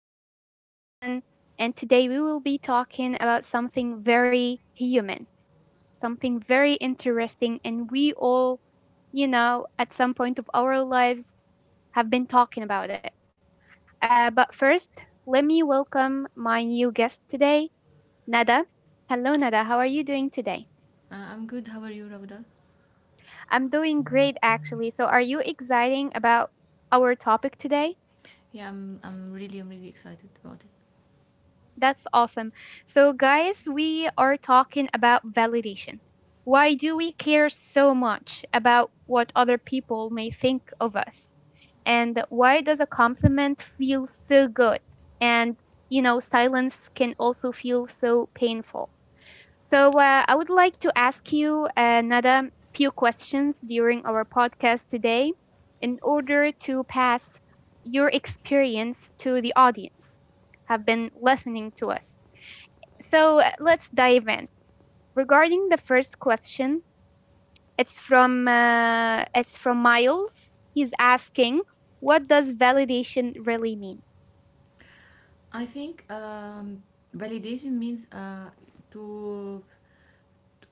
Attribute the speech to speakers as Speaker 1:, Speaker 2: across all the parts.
Speaker 1: here back again, and today we will be talking about something very human, something very interesting, and we all, at some point of our lives have been talking about it. But first, let me welcome my new guest today, Nada. Hello, Nada. How are you doing today?
Speaker 2: I'm good. How are you, Ravda?
Speaker 1: I'm doing great, actually. So, are you exciting about our topic today?
Speaker 2: I'm really excited about it.
Speaker 1: That's awesome. So, guys, we are talking about validation. Why do we care so much about what other people may think of us? And why does a compliment feel so good? And silence can also feel so painful. So, I would like to ask you another few questions during our podcast today in order to pass your experience to the audience have been listening to us. So, let's dive in. Regarding the first question, it's from Miles. He's asking, "What does validation really mean?"
Speaker 2: I think validation means to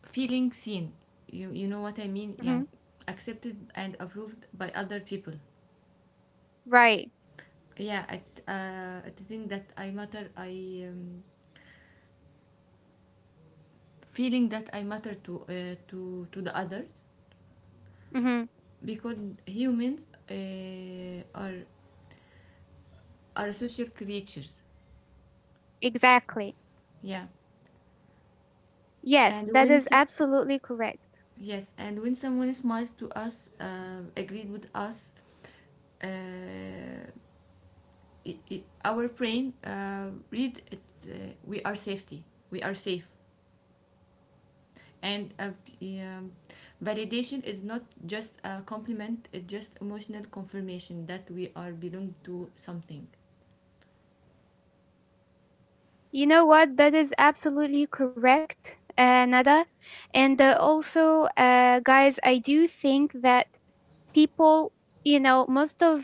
Speaker 2: feeling seen. You know what I mean? Yeah,
Speaker 1: Mhm.
Speaker 2: accepted and approved by other people.
Speaker 1: Right.
Speaker 2: Yeah, it's I think that I matter. I feeling that I matter to the others
Speaker 1: Hmm.
Speaker 2: because humans are social creatures.
Speaker 1: Exactly.
Speaker 2: Yeah,
Speaker 1: Yes,
Speaker 2: and
Speaker 1: that
Speaker 2: when
Speaker 1: is
Speaker 2: so-
Speaker 1: absolutely correct.
Speaker 2: Yes, and when someone smiles to us, agreed with us, uh, it it our brain read it. We are safety. We are safe. And uh, the, um, validation is not just a compliment. It's just emotional confirmation that we are belong to something.
Speaker 1: You know what? That is absolutely correct, Nada. And also, guys, I do think that people you know most of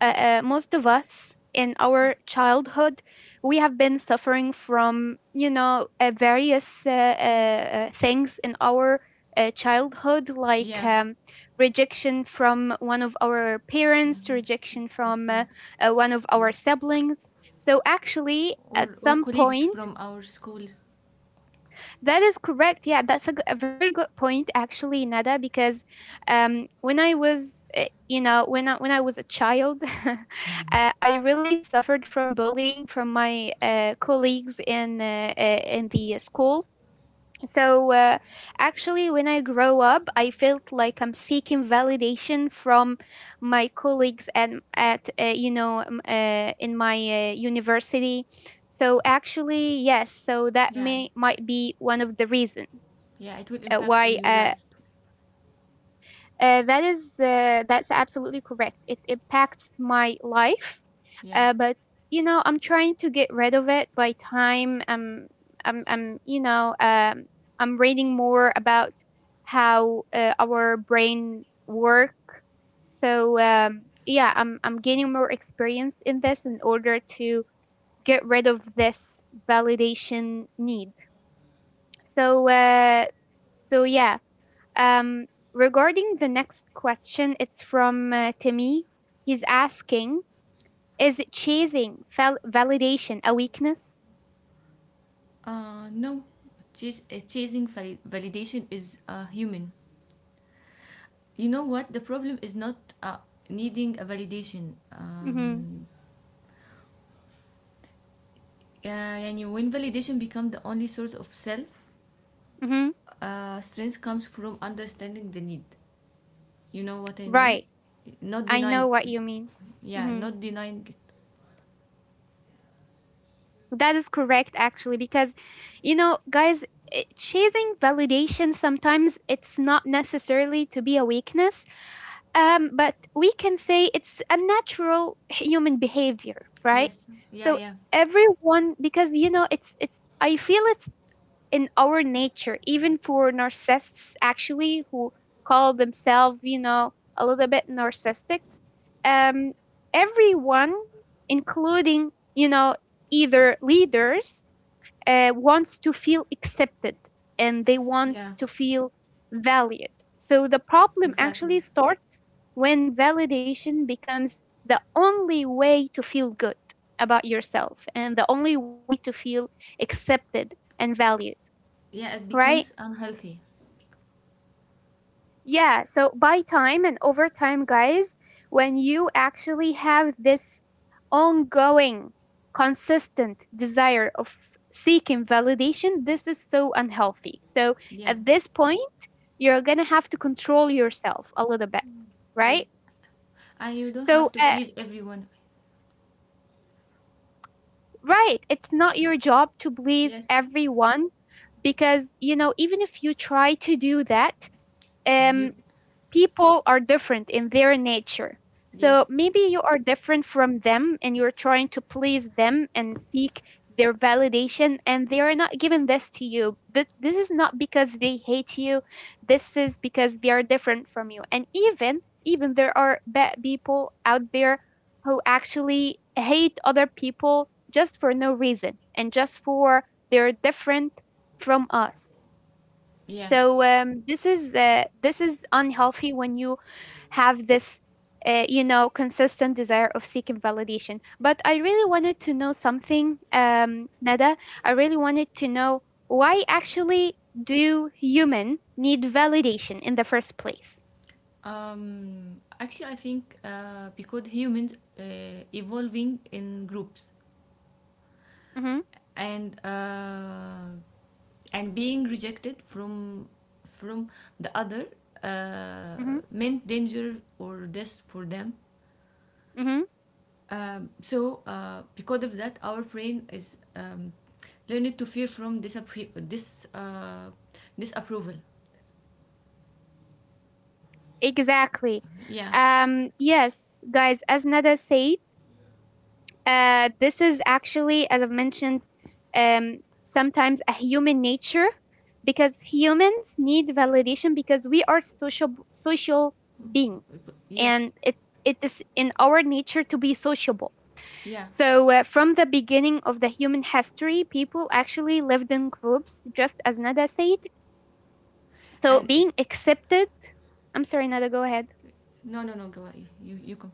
Speaker 1: most of us in our childhood we have been suffering from various things in our childhood like
Speaker 2: Yeah,
Speaker 1: um, rejection from one of our
Speaker 2: well,
Speaker 1: parents, rejection
Speaker 2: So
Speaker 1: from
Speaker 2: from
Speaker 1: one of
Speaker 2: or,
Speaker 1: our siblings, so actually at
Speaker 2: or
Speaker 1: some
Speaker 2: colleagues
Speaker 1: point.
Speaker 2: from our schools.
Speaker 1: That is correct. Yeah, that's a very good point, actually, Nada. Because when I was, when I was a child, I really suffered from bullying from my colleagues in the school. So, actually, when I grow up, I felt like I'm seeking validation from my colleagues and at in my university. So actually, yes. So that
Speaker 2: Yeah,
Speaker 1: may might be one of the reason
Speaker 2: yeah, it will
Speaker 1: uh,
Speaker 2: impact on
Speaker 1: why
Speaker 2: your life.
Speaker 1: that is that's absolutely correct. It impacts my life,
Speaker 2: Yeah.
Speaker 1: uh, but you know I'm trying to get rid of it by time. I'm you know I'm reading more about how our brain work. So, yeah, I'm gaining more experience in this in order to get rid of this validation need. So uh, so um, regarding the next question, it's from Timmy. He's asking, "Is chasing validation a weakness?"
Speaker 2: No, chasing validation is human. You know what? The problem is not uh, needing a validation.
Speaker 1: Mm-hmm.
Speaker 2: Yeah, يعني when validation becomes the only source of self,
Speaker 1: Mm-hmm.
Speaker 2: strength comes from understanding the need. You know what I mean?
Speaker 1: Right.
Speaker 2: Not
Speaker 1: I
Speaker 2: denying.
Speaker 1: know what you mean.
Speaker 2: Yeah,
Speaker 1: Mm-hmm.
Speaker 2: not denying it.
Speaker 1: That is correct, actually, because, guys, chasing validation sometimes it's not necessarily to be a weakness. But we can say it's a natural human behavior, right?
Speaker 2: Yes. Yeah,
Speaker 1: So
Speaker 2: yeah,
Speaker 1: everyone, because it's it's. I feel it's in our nature, even for narcissists, actually, who call themselves, you know, a little bit narcissists. Um, Everyone, including either leaders, wants to feel accepted and they want
Speaker 2: yeah.
Speaker 1: to feel valued. So the problem actually
Speaker 2: Exactly.
Speaker 1: starts when validation becomes the only way to feel good about yourself and the only way to feel accepted and valued,
Speaker 2: Yeah, it becomes
Speaker 1: right?
Speaker 2: unhealthy.
Speaker 1: Yeah, so by time and over time, guys, when you actually have this ongoing, consistent desire of seeking validation, this is so unhealthy. So
Speaker 2: Yeah.
Speaker 1: at this point, you're going to have to control yourself a little bit,
Speaker 2: Yes.
Speaker 1: right?
Speaker 2: And you don't have
Speaker 1: So,
Speaker 2: to
Speaker 1: uh,
Speaker 2: please everyone.
Speaker 1: right, it's not your job to please
Speaker 2: Yes.
Speaker 1: everyone because, even if you try to do that,
Speaker 2: You.
Speaker 1: um, people are different in their nature. So
Speaker 2: Yes.
Speaker 1: maybe you are different from them and you're trying to please them and seek their validation, and they are not giving this to you. This is not because they hate you, this is because they are different from you. And even there are bad people out there who actually hate other people just for no reason and just for they're different from us.
Speaker 2: Yeah.
Speaker 1: So, this is unhealthy when you have this, consistent desire of seeking validation. But I really wanted to know something, Nada. I really wanted to know why actually do human need validation in the first place?
Speaker 2: Actually, I think because humans evolving in groups
Speaker 1: Mm-hmm,
Speaker 2: and uh, and being rejected from the other
Speaker 1: mm-hmm,
Speaker 2: meant danger or death for them.
Speaker 1: mm-hmm.
Speaker 2: Because of that, our brain is learned to fear from disapproval.
Speaker 1: Exactly.
Speaker 2: Yeah.
Speaker 1: Yes, guys. As Nada said. This is actually, as I've mentioned, um, sometimes a human nature because humans need validation because we are social beings and
Speaker 2: Yes.
Speaker 1: it is in our nature to be sociable.
Speaker 2: Yeah.
Speaker 1: So, from the beginning of the human history, people actually lived in groups, just as Nada said. So
Speaker 2: And it,
Speaker 1: being accepted. I'm sorry, Nada. Go ahead.
Speaker 2: no, no, no. Go ahead. You come.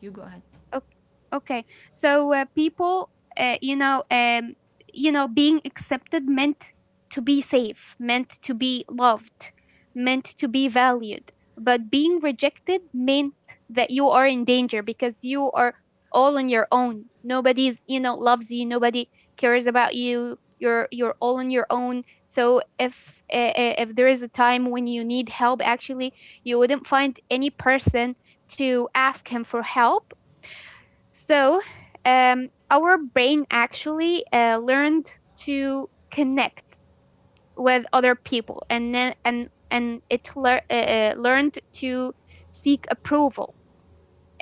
Speaker 2: You go ahead.
Speaker 1: Okay. Okay. So, people, uh, you know, um, being accepted meant to be safe, meant to be loved, meant to be valued. But being rejected meant that you are in danger because you are all on your own. Nobody's loves you. Nobody cares about you. You're all on your own. So if there is a time when you need help, actually, you wouldn't find any person to ask him for help so. Our brain actually learned to connect with other people, and then and it learned to seek approval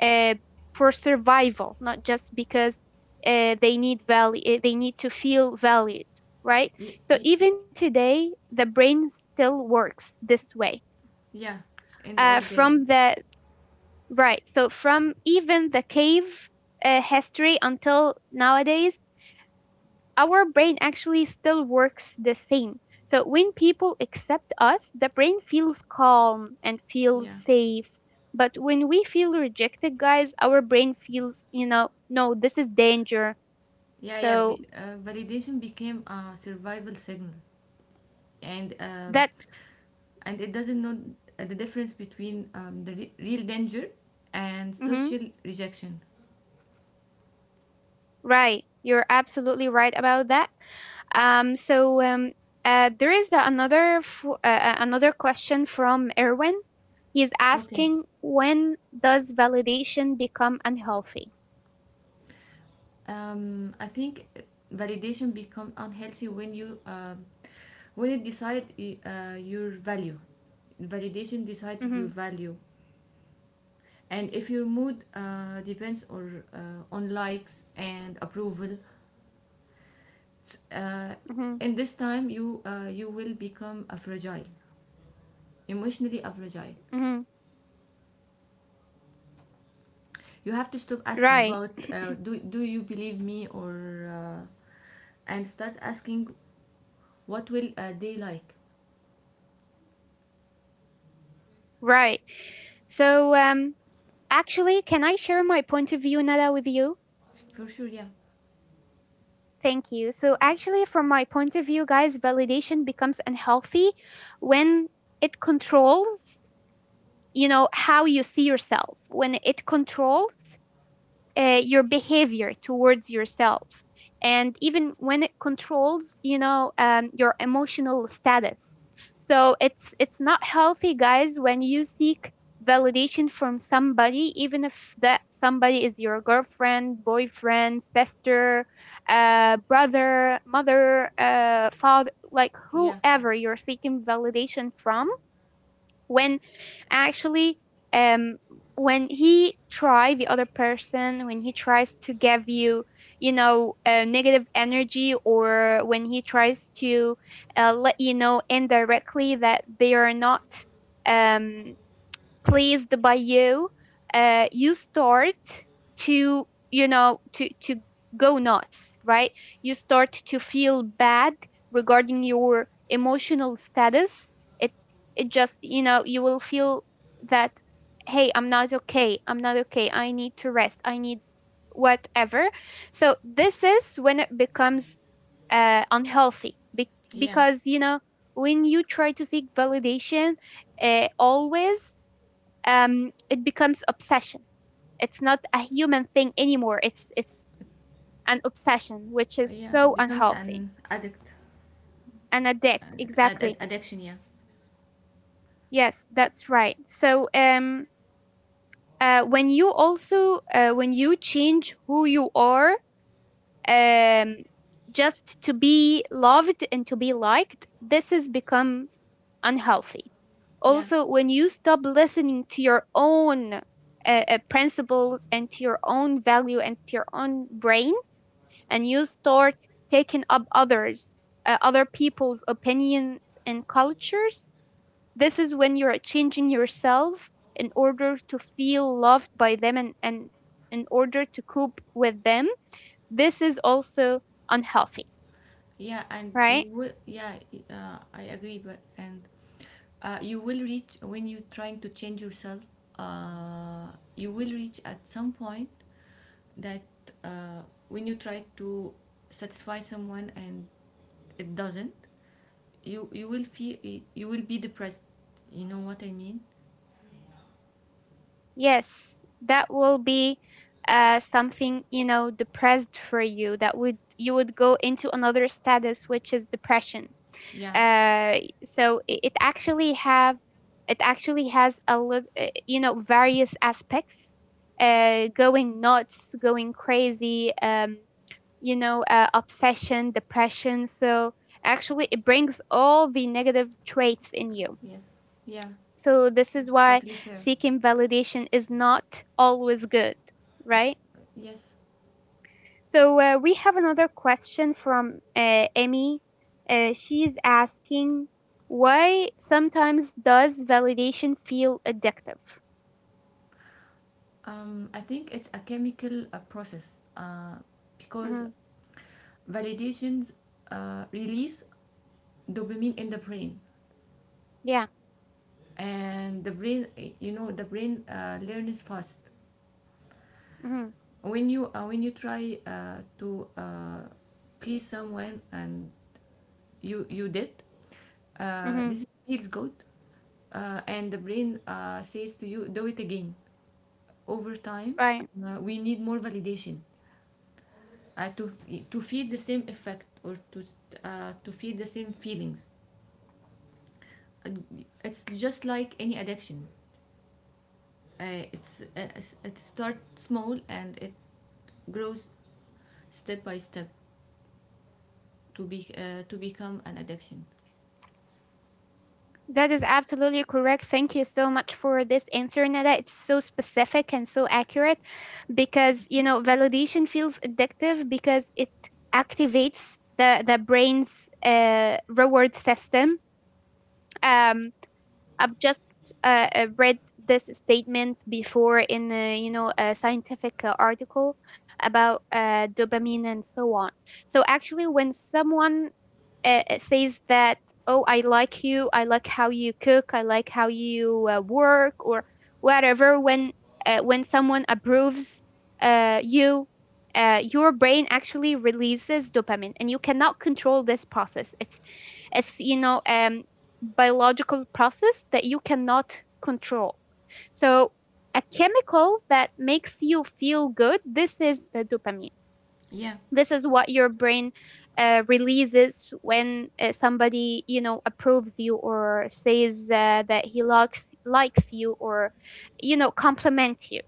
Speaker 1: uh, for survival, not just because they need value. They need to feel valued, right?
Speaker 2: Y-
Speaker 1: So
Speaker 2: y-
Speaker 1: even today, the brain still works this way.
Speaker 2: yeah, in the old day.
Speaker 1: From the Right, so from even the cave history until nowadays our brain actually still works the same. So when people accept us, the brain feels calm and feels
Speaker 2: Yeah,
Speaker 1: safe. But when we feel rejected, guys, our brain feels, you know, no, this is danger.
Speaker 2: yeah, yeah.
Speaker 1: So
Speaker 2: Validation became a survival signal, and um,
Speaker 1: that's
Speaker 2: and it doesn't know the difference between the real danger and
Speaker 1: Mhm,
Speaker 2: social rejection.
Speaker 1: right. You're absolutely right about that. So, there is another question from Erwin. He's
Speaker 2: Okay.
Speaker 1: asking, "When does validation become unhealthy?"
Speaker 2: I think validation become unhealthy when it decide y- your value. Validation decides
Speaker 1: Hmm.
Speaker 2: your value, and if your mood depends or on likes and approval, uh, in this time you will become a fragile emotionally a fragile
Speaker 1: Mhm.
Speaker 2: you have to stop asking
Speaker 1: Right,
Speaker 2: about do you believe me or uh, and start asking what will they like
Speaker 1: right. So, actually, can I share my point of view, Nada, with you?
Speaker 2: for sure yeah
Speaker 1: Thank you. So, actually, from my point of view, guys, validation becomes unhealthy when it controls, how you see yourself, when it controls your behavior towards yourself, and even when it controls your emotional status. So it's not healthy, guys, when you seek validation from somebody, even if that somebody is your girlfriend, boyfriend, sister, brother, mother, father, like
Speaker 2: yeah
Speaker 1: whoever you're seeking validation from, when actually, um when he try the other person, when he tries to give you you know negative energy, or when he tries to let you know indirectly that they are not um pleased by you, you start to go nuts, right? You start to feel bad regarding your emotional status. It it just, you will feel that, hey, I'm not okay, I'm not okay, I need to rest, I need whatever. So this is when it becomes unhealthy, be-
Speaker 2: yeah
Speaker 1: because , when you try to seek validation, always, it becomes obsession. It's not a human thing anymore. It's an obsession, which is
Speaker 2: yeah it
Speaker 1: so
Speaker 2: becomes
Speaker 1: unhealthy.
Speaker 2: an addict
Speaker 1: An addict, exactly.
Speaker 2: addiction yeah
Speaker 1: Yes, that's right. So, when you change who you are, um, just to be loved and to be liked, this is becomes unhealthy.
Speaker 2: yeah
Speaker 1: Also, when you stop listening to your own principles and to your own value and to your own brain, and you start taking up others, other people's opinions and cultures. This is when you're changing yourself in order to feel loved by them, and in order to cope with them. This is also unhealthy,
Speaker 2: yeah and you
Speaker 1: right?
Speaker 2: will yeah I agree but and you will reach when you're trying to change yourself uh, you will reach at some point that uh, when you try to satisfy someone and it doesn't, you will feel you will be depressed. You know what I mean?
Speaker 1: Yes, that will be something, depressed for you, that would you would go into another status, which is depression.
Speaker 2: Yeah.
Speaker 1: uh, so it actually has a lot, various aspects, going nuts, going crazy, obsession, depression, so actually it brings all the negative traits in you.
Speaker 2: Yes. Yeah.
Speaker 1: So this is
Speaker 2: It's
Speaker 1: why
Speaker 2: totally fair.
Speaker 1: seeking validation is not always good,
Speaker 2: It-
Speaker 1: right?
Speaker 2: yes.
Speaker 1: So, we have another question from Emmy. She's asking, "Why sometimes does validation feel addictive?"
Speaker 2: I think it's a chemical process uh,
Speaker 1: Hmm.
Speaker 2: because validations release dopamine in the brain,
Speaker 1: Yeah.
Speaker 2: and the brain, you know, the brain learns fast.
Speaker 1: Hmm.
Speaker 2: When you try to please someone and you did
Speaker 1: Hmm.
Speaker 2: this feels good and the brain says to you do it again over time
Speaker 1: Right.
Speaker 2: we need more validation uh, to to feel the same effect or to feel the same feelings. Uh, it's just like any addiction it starts small and it grows step by step to be to become an addiction
Speaker 1: That is absolutely correct. Thank you so much for this answer, Nada. It's so specific and so accurate, because validation feels addictive because it activates the brain's reward system um, I've just read this statement before in a, you know a scientific article about dopamine and so on. So actually, when someone says that, "Oh, I like you. I like how you cook. I like how you work," or whatever, when someone approves you. Your brain actually releases dopamine, and you cannot control this process. It's biological process that you cannot control. So a chemical that makes you feel good, this is the dopamine.
Speaker 2: yeah.
Speaker 1: This is what your brain releases when somebody, you know, approves you or says that he likes you or, you know, compliment you.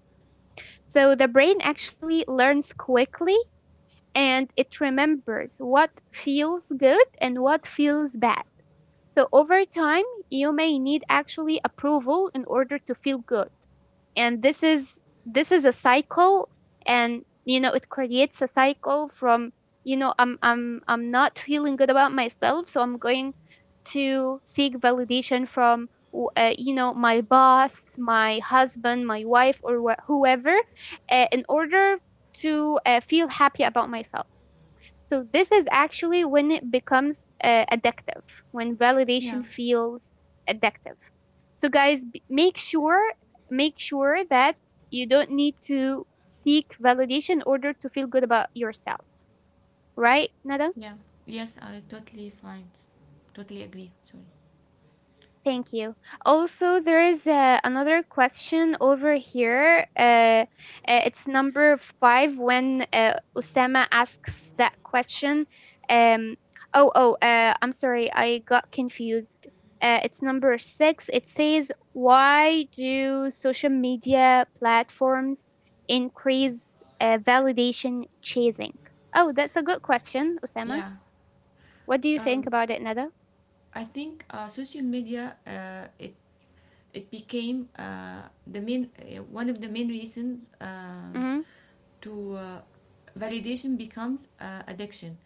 Speaker 1: So the brain actually learns quickly and it remembers what feels good and what feels bad. So over time, you may need actually approval in order to feel good. And this is a cycle and you know it creates a cycle from you know I'm not feeling good about myself, so I'm going to seek validation from you know my boss, my husband, my wife or whoever in order to feel happy about myself. So this is actually when it becomes addictive, when
Speaker 2: Yeah,
Speaker 1: validation feels addictive. So guys, make sure that you don't need to seek validation in order to feel good about yourself, right, Nada?
Speaker 2: yeah. Yes, totally agree. Sorry.
Speaker 1: Thank you. Also, there is another question over here. It's number five when Osama asks that question. Um, oh, I'm sorry, I got confused. It's number six. It says, why do social media platforms increase validation chasing? Oh, that's a good question, Osama.
Speaker 2: Yeah.
Speaker 1: What do you think
Speaker 2: Um,
Speaker 1: about it, Nada?
Speaker 2: I think social media it became the main one of the main reasons
Speaker 1: Mm
Speaker 2: to validation becomes addiction.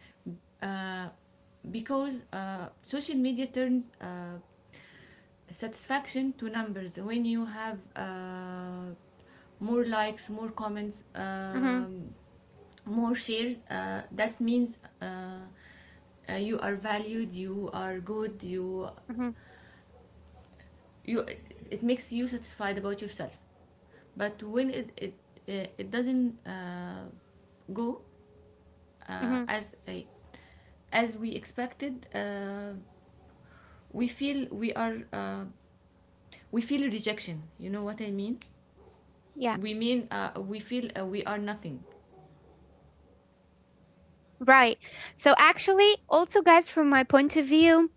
Speaker 2: Uh, because social media turns satisfaction to numbers. When you have more likes, more comments,
Speaker 1: hmm, mm
Speaker 2: more shares that means you are valued you are good
Speaker 1: hmm, mm hmm,
Speaker 2: you it makes you satisfied about yourself but when it doesn't go
Speaker 1: mm
Speaker 2: uh,
Speaker 1: hmm.
Speaker 2: as a as we expected we feel we are we feel rejection you know what I
Speaker 1: Yeah.
Speaker 2: mean we feel we are nothing.
Speaker 1: Right. So actually, also guys, from my point of view,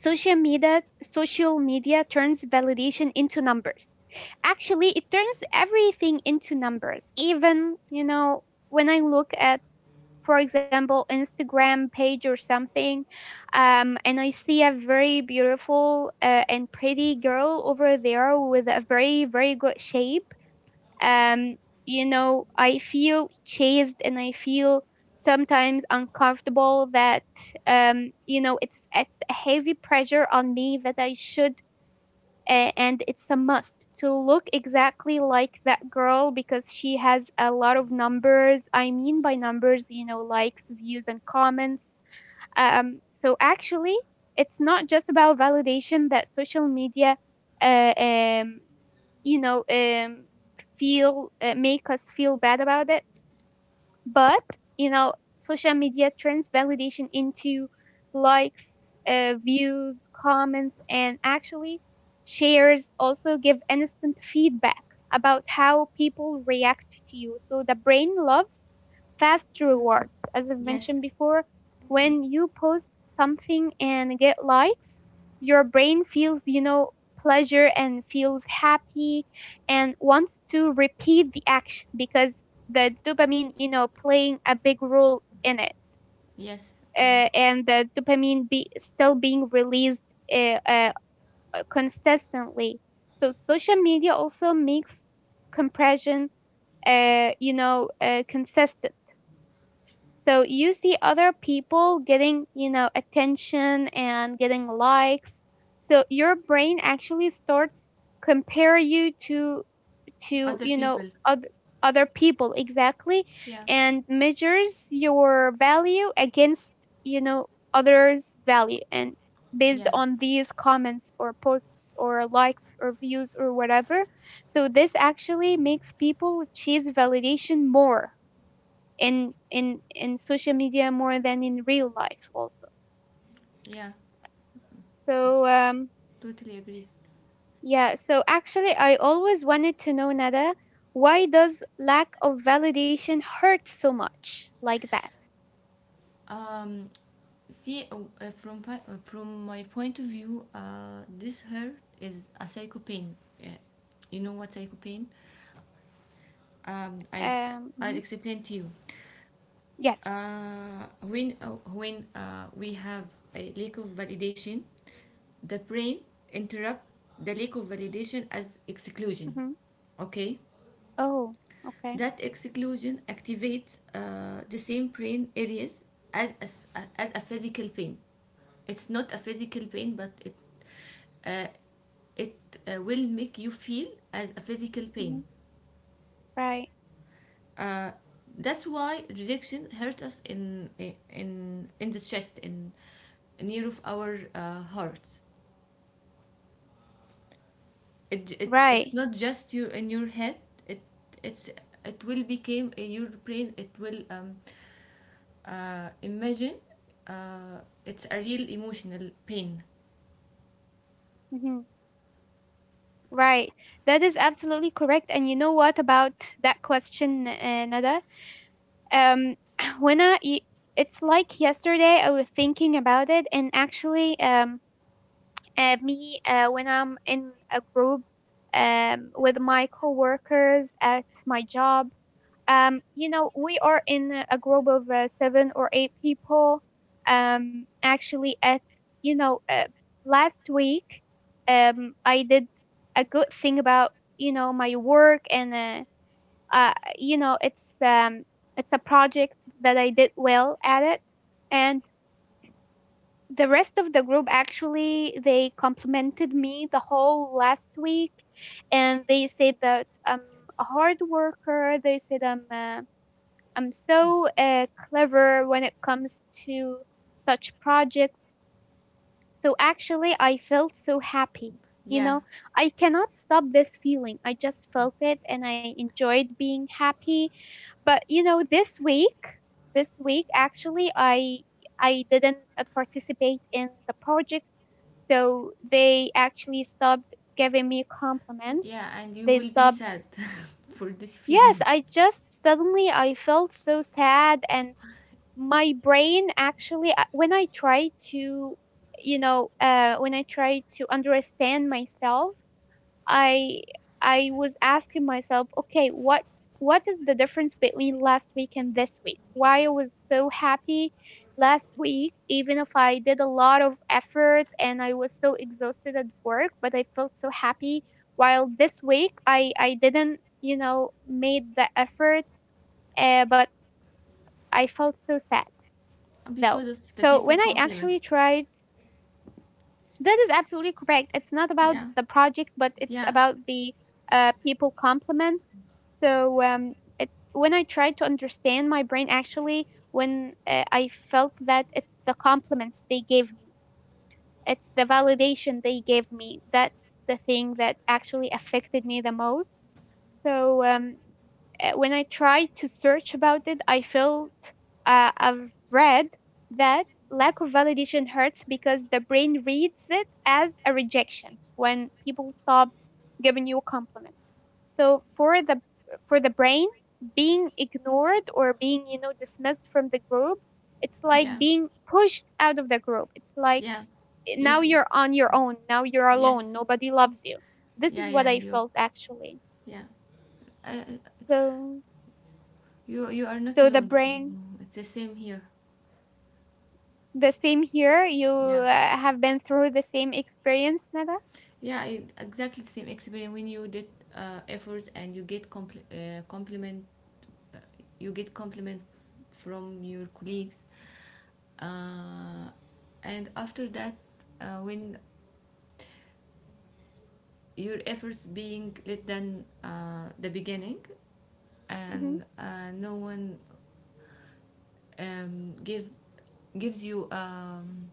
Speaker 1: social media turns validation into numbers. Actually, it turns everything into numbers. Even, you know, when I look at, for example, Instagram page or something, and I see a very beautiful and pretty girl over there with a very, very good shape. um you know, I feel chased and I feel sometimes uncomfortable that, you know, it's a heavy pressure on me that I should, and it's a must to look exactly like that girl because she has a lot of numbers. I mean by numbers, you know, likes, views and comments. So actually it's not just about validation that social media, uh, um you know um feel, make us feel bad about it, but, you know, social media turns validation into likes, views, comments, and actually shares also give instant feedback about how people react to you. So the brain loves fast rewards. As I've
Speaker 2: Yes.
Speaker 1: mentioned before, when you post something and get likes, your brain feels, you know, pleasure and feels happy and wants to repeat the action because the dopamine, you know, playing a big role in it.
Speaker 2: Yes. Um,
Speaker 1: And the dopamine be still being released uh, uh, consistently. So social media also makes compression, you know, consistent. So you see other people getting, you know, attention and getting likes. So your brain actually starts compare you to,
Speaker 2: other
Speaker 1: you know,
Speaker 2: people.
Speaker 1: other people exactly,
Speaker 2: Yeah.
Speaker 1: and measures your value against, you know, others value and based
Speaker 2: Yeah.
Speaker 1: on these comments or posts or likes or views or whatever. So this actually makes people chase validation more in, social media more than in real life also.
Speaker 2: Yeah.
Speaker 1: so um
Speaker 2: Totally agree.
Speaker 1: Yeah, so actually, I always wanted to know, Nada, why does lack of validation hurt so much like that?
Speaker 2: Um, See, from from my point of view, this hurt is a psycho pain. Uh, you know what psycho pain? Um, I I'll
Speaker 1: Mhm.
Speaker 2: explain to you.
Speaker 1: Yes.
Speaker 2: When we have a lack of validation, the brain interrupt the lack of validation as exclusion.
Speaker 1: Hmm.
Speaker 2: Okay,
Speaker 1: Oh, okay.
Speaker 2: that exclusion activates the same brain areas as as, as a physical pain. It's not a physical pain but uh, it will make you feel as a physical
Speaker 1: Hmm.
Speaker 2: pain
Speaker 1: Right.
Speaker 2: uh, that's why rejection hurts us in the chest in near of our heart. It's
Speaker 1: Right.
Speaker 2: not just your in your head it it's it will become in your brain it will imagine uh, it's a real emotional pain.
Speaker 1: Hmm. Right. That is absolutely correct. And you know what about that question, Nada? Um, when I, it's like yesterday, I was thinking about it, and actually, me, when I'm in a group with my coworkers at my job. You know, we are in a group of seven or eight people. Actually, at, you know, last week, I did a good thing about, you know, my work and, uh, you know, it's a project that I did well at it, and the rest of the group actually they complimented me the whole last week and they said that I'm a hard worker. They said I'm, I'm so clever when it comes to such projects. So actually, I felt so happy. You
Speaker 2: Yeah,
Speaker 1: know, I cannot stop this feeling. I just felt it and I enjoyed being happy. But you know, this week, actually I didn't participate in the project. So they actually stopped giving me compliments.
Speaker 2: yeah, and you
Speaker 1: They
Speaker 2: will be
Speaker 1: stopped.
Speaker 2: sad for this
Speaker 1: Yes,
Speaker 2: feeling.
Speaker 1: I just suddenly I felt so sad and my brain actually, when I try to, you know, when I try to understand myself, i I was asking myself, okay, what, is the difference between last week and this week. Why I was so happy last week even if I did a lot of effort and I was so exhausted at work, but I felt so happy, while this week I didn't, you know, made the effort, but I felt so sad though. So when I
Speaker 2: Because of the
Speaker 1: actually
Speaker 2: people
Speaker 1: tried,
Speaker 2: compliments.
Speaker 1: that is absolutely correct. It's not about the project,
Speaker 2: Yeah,
Speaker 1: but it's about
Speaker 2: yeah,
Speaker 1: the people compliments. So um, it, when I tried to understand my brain, actually, when I felt that it's the compliments they gave me, it's the validation they gave me. That's the thing that actually affected me the most. So um, when I tried to search about it, I felt, I've read that lack of validation hurts because the brain reads it as a rejection when people stop giving you compliments. So for the, brain, being ignored or being, you know, dismissed from the group, it's like
Speaker 2: yeah,
Speaker 1: being pushed out of the group. It's like,
Speaker 2: yeah.
Speaker 1: now
Speaker 2: You,
Speaker 1: you're on your own. Now you're alone.
Speaker 2: yes,
Speaker 1: Nobody loves you. This is
Speaker 2: yeah,
Speaker 1: what
Speaker 2: yeah,
Speaker 1: I
Speaker 2: you,
Speaker 1: felt actually.
Speaker 2: yeah. Uh,
Speaker 1: So,
Speaker 2: you, you are not
Speaker 1: the
Speaker 2: alone.
Speaker 1: brain,
Speaker 2: Mm, it's the same here.
Speaker 1: the same here. You
Speaker 2: Yeah,
Speaker 1: have been through the same experience, Nada?
Speaker 2: yeah, it, exactly the same experience. When you did efforts and you get compliment, you get compliment from your colleagues. Uh, and after that, when your efforts being less than the beginning
Speaker 1: Hmm.
Speaker 2: and no one um, give gives you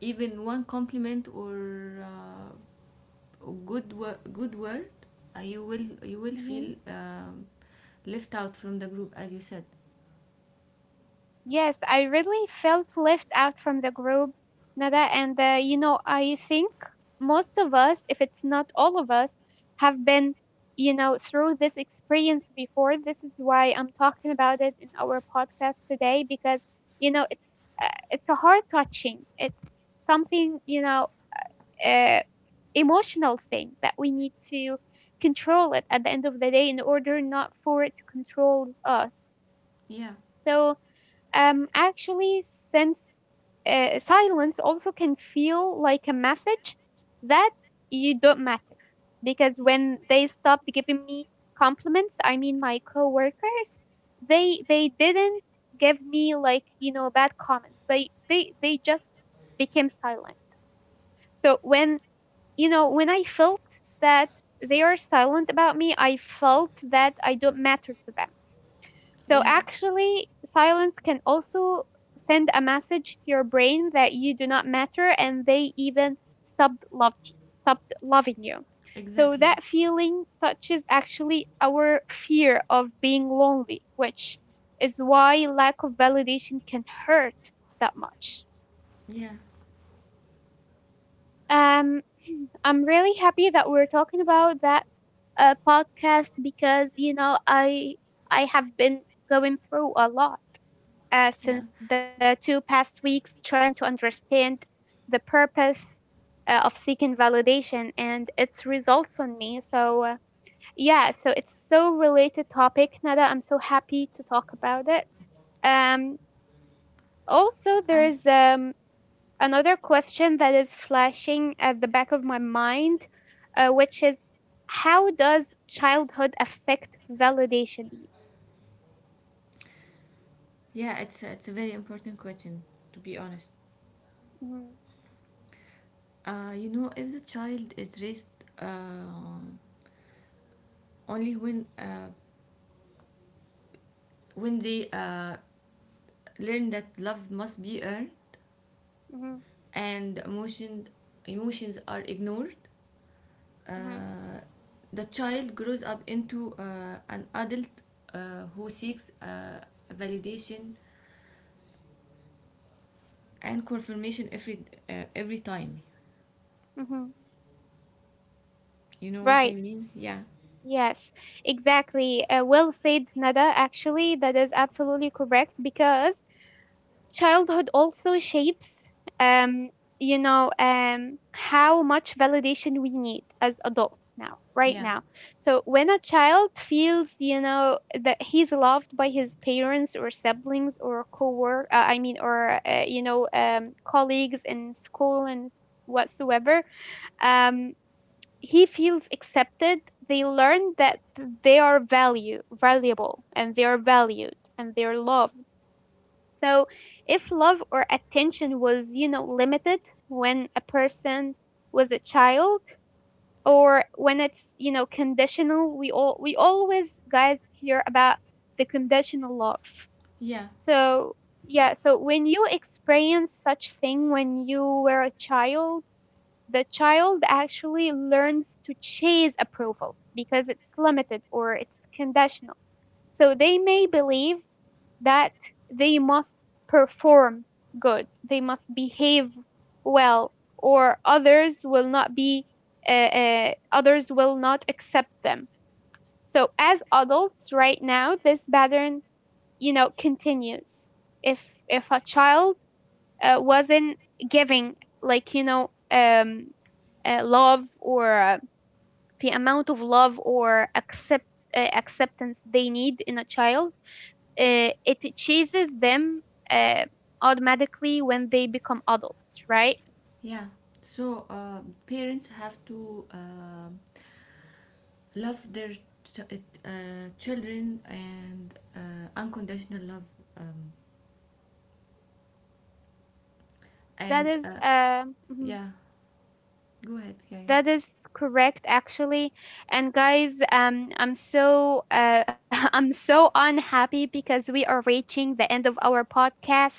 Speaker 2: even one compliment or good word, you will
Speaker 1: Hmm.
Speaker 2: feel left out from the group, as you said.
Speaker 1: Yes, I really felt left out from the group, Nada. And, you know, I think most of us, if it's not all of us, have been, you know, through this experience before. This is why I'm talking about it in our podcast today because, you know, it's, it's a heart touching. It's something, you know, uh, emotional thing that we need to control it at the end of the day in order not for it to control us.
Speaker 2: Yeah,
Speaker 1: So, actually, since silence also can feel like a message that you don't matter because when they stopped giving me compliments, I mean my coworkers, they didn't give me like, you know, bad comments, but they just became silent. So when, you know, when I felt that they are silent about me, I felt that I don't matter to them. So
Speaker 2: yeah,
Speaker 1: actually, silence can also send a message to your brain that you do not matter and they even stopped loved, stopped loving you. So
Speaker 2: exactly.
Speaker 1: that feeling touches actually our fear of being lonely, which is why lack of validation can hurt that much.
Speaker 2: Yeah,
Speaker 1: Um, I'm really happy that we're talking about that podcast because, you know, I have been going through a lot
Speaker 2: yeah,
Speaker 1: since the two past weeks trying to understand the purpose of seeking validation and its results on me. So yeah, so it's so related topic, Nada. I'm so happy to talk about it. Um, Also there
Speaker 2: I,
Speaker 1: is another question that is flashing at the back of my mind, which is, how does childhood affect validation needs?
Speaker 2: yeah. It's a very important question, to be honest.
Speaker 1: Hmm.
Speaker 2: You know, if the child is raised uh, only when they learn that love must be earned,
Speaker 1: Hmm.
Speaker 2: and emotions are ignored,
Speaker 1: Hmm.
Speaker 2: uh, the child grows up into an adult who seeks validation and confirmation every time.
Speaker 1: Hmm.
Speaker 2: You know what
Speaker 1: Right.
Speaker 2: I mean? Yeah.
Speaker 1: Yes, exactly. Well said, Nada. Actually, that is absolutely correct because childhood also shapes, um, you know, how much validation we need as adults now, right
Speaker 2: Yeah.
Speaker 1: now. So when a child feels, you know, that he's loved by his parents or siblings or I mean, or you know, colleagues in school and whatsoever, um, he feels accepted. They learn that they are value, valuable, and they are valued, and they are loved. So, if love or attention was, you know, limited when a person was a child or when it's, you know, conditional, we all we always, guys, hear about the conditional love.
Speaker 2: Yeah.
Speaker 1: So, yeah, so when you experience such thing when you were a child, the child actually learns to chase approval because it's limited or it's conditional, so they may believe that they must perform good, they must behave well, or others will not be, others will not accept them. So as adults right now, this pattern, you know, continues. If a child wasn't giving, like, you know, love or, the amount of love or accept, acceptance they need in a child, it chases them uh, automatically when they become adults, right?
Speaker 2: Yeah. So parents have to love their ch- children and unconditional love. Um,
Speaker 1: That
Speaker 2: and
Speaker 1: is mhm,
Speaker 2: yeah, go ahead. Yeah, yeah,
Speaker 1: that is correct actually. And guys, I'm so I'm so unhappy because we are reaching the end of our podcast.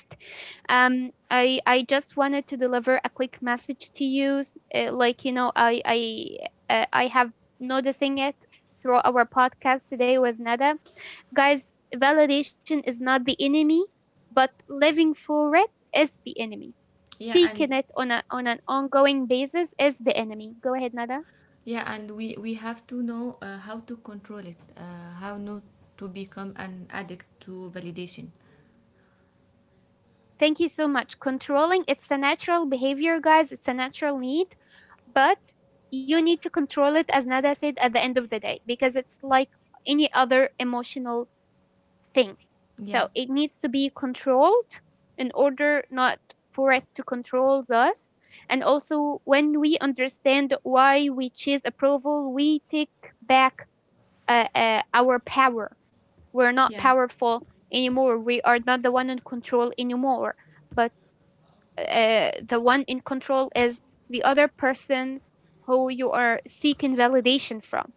Speaker 1: I just wanted to deliver a quick message to you, like, you know, I have noticing it through our podcast today with Nada. Guys, validation is not the enemy, but living for it is the enemy.
Speaker 2: yeah.
Speaker 1: Seeking
Speaker 2: And
Speaker 1: it on, on an ongoing basis is the enemy. Go ahead, Nada.
Speaker 2: yeah, and we have to know how to control it, how not to become an addict to validation.
Speaker 1: Thank you so much. Controlling, it's a natural behavior, guys. It's a natural need, but you need to control it, as Nada said, at the end of the day, because it's like any other emotional things.
Speaker 2: Yeah,
Speaker 1: So it needs to be controlled in order not for it to control us. And also, when we understand why we choose approval, we take back our power. We're not
Speaker 2: yeah,
Speaker 1: powerful anymore. We are not the one in control anymore. But the one in control is the other person who you are seeking validation from.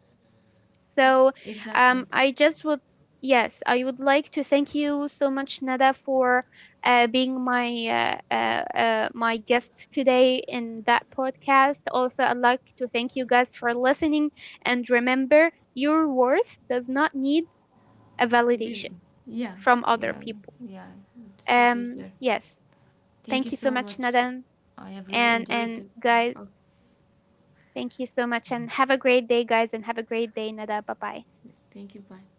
Speaker 1: So
Speaker 2: exactly.
Speaker 1: I just would, yes, I would like to thank you so much, Nada, for being my my guest today in that podcast. Also, I'd like to thank you guys for listening. And remember, your worth does not need a
Speaker 2: To be,
Speaker 1: validation
Speaker 2: yeah,
Speaker 1: from
Speaker 2: yeah,
Speaker 1: other people.
Speaker 2: yeah, it's totally fair.
Speaker 1: Yes,
Speaker 2: Thank
Speaker 1: thank
Speaker 2: you
Speaker 1: you so
Speaker 2: so
Speaker 1: much,
Speaker 2: much.
Speaker 1: Nada,
Speaker 2: I have really enjoyed
Speaker 1: and
Speaker 2: it.
Speaker 1: guys.
Speaker 2: Oh,
Speaker 1: Thank you so much and have a great day, guys, and have a great day, Nada. Bye bye.
Speaker 2: thank you. Bye.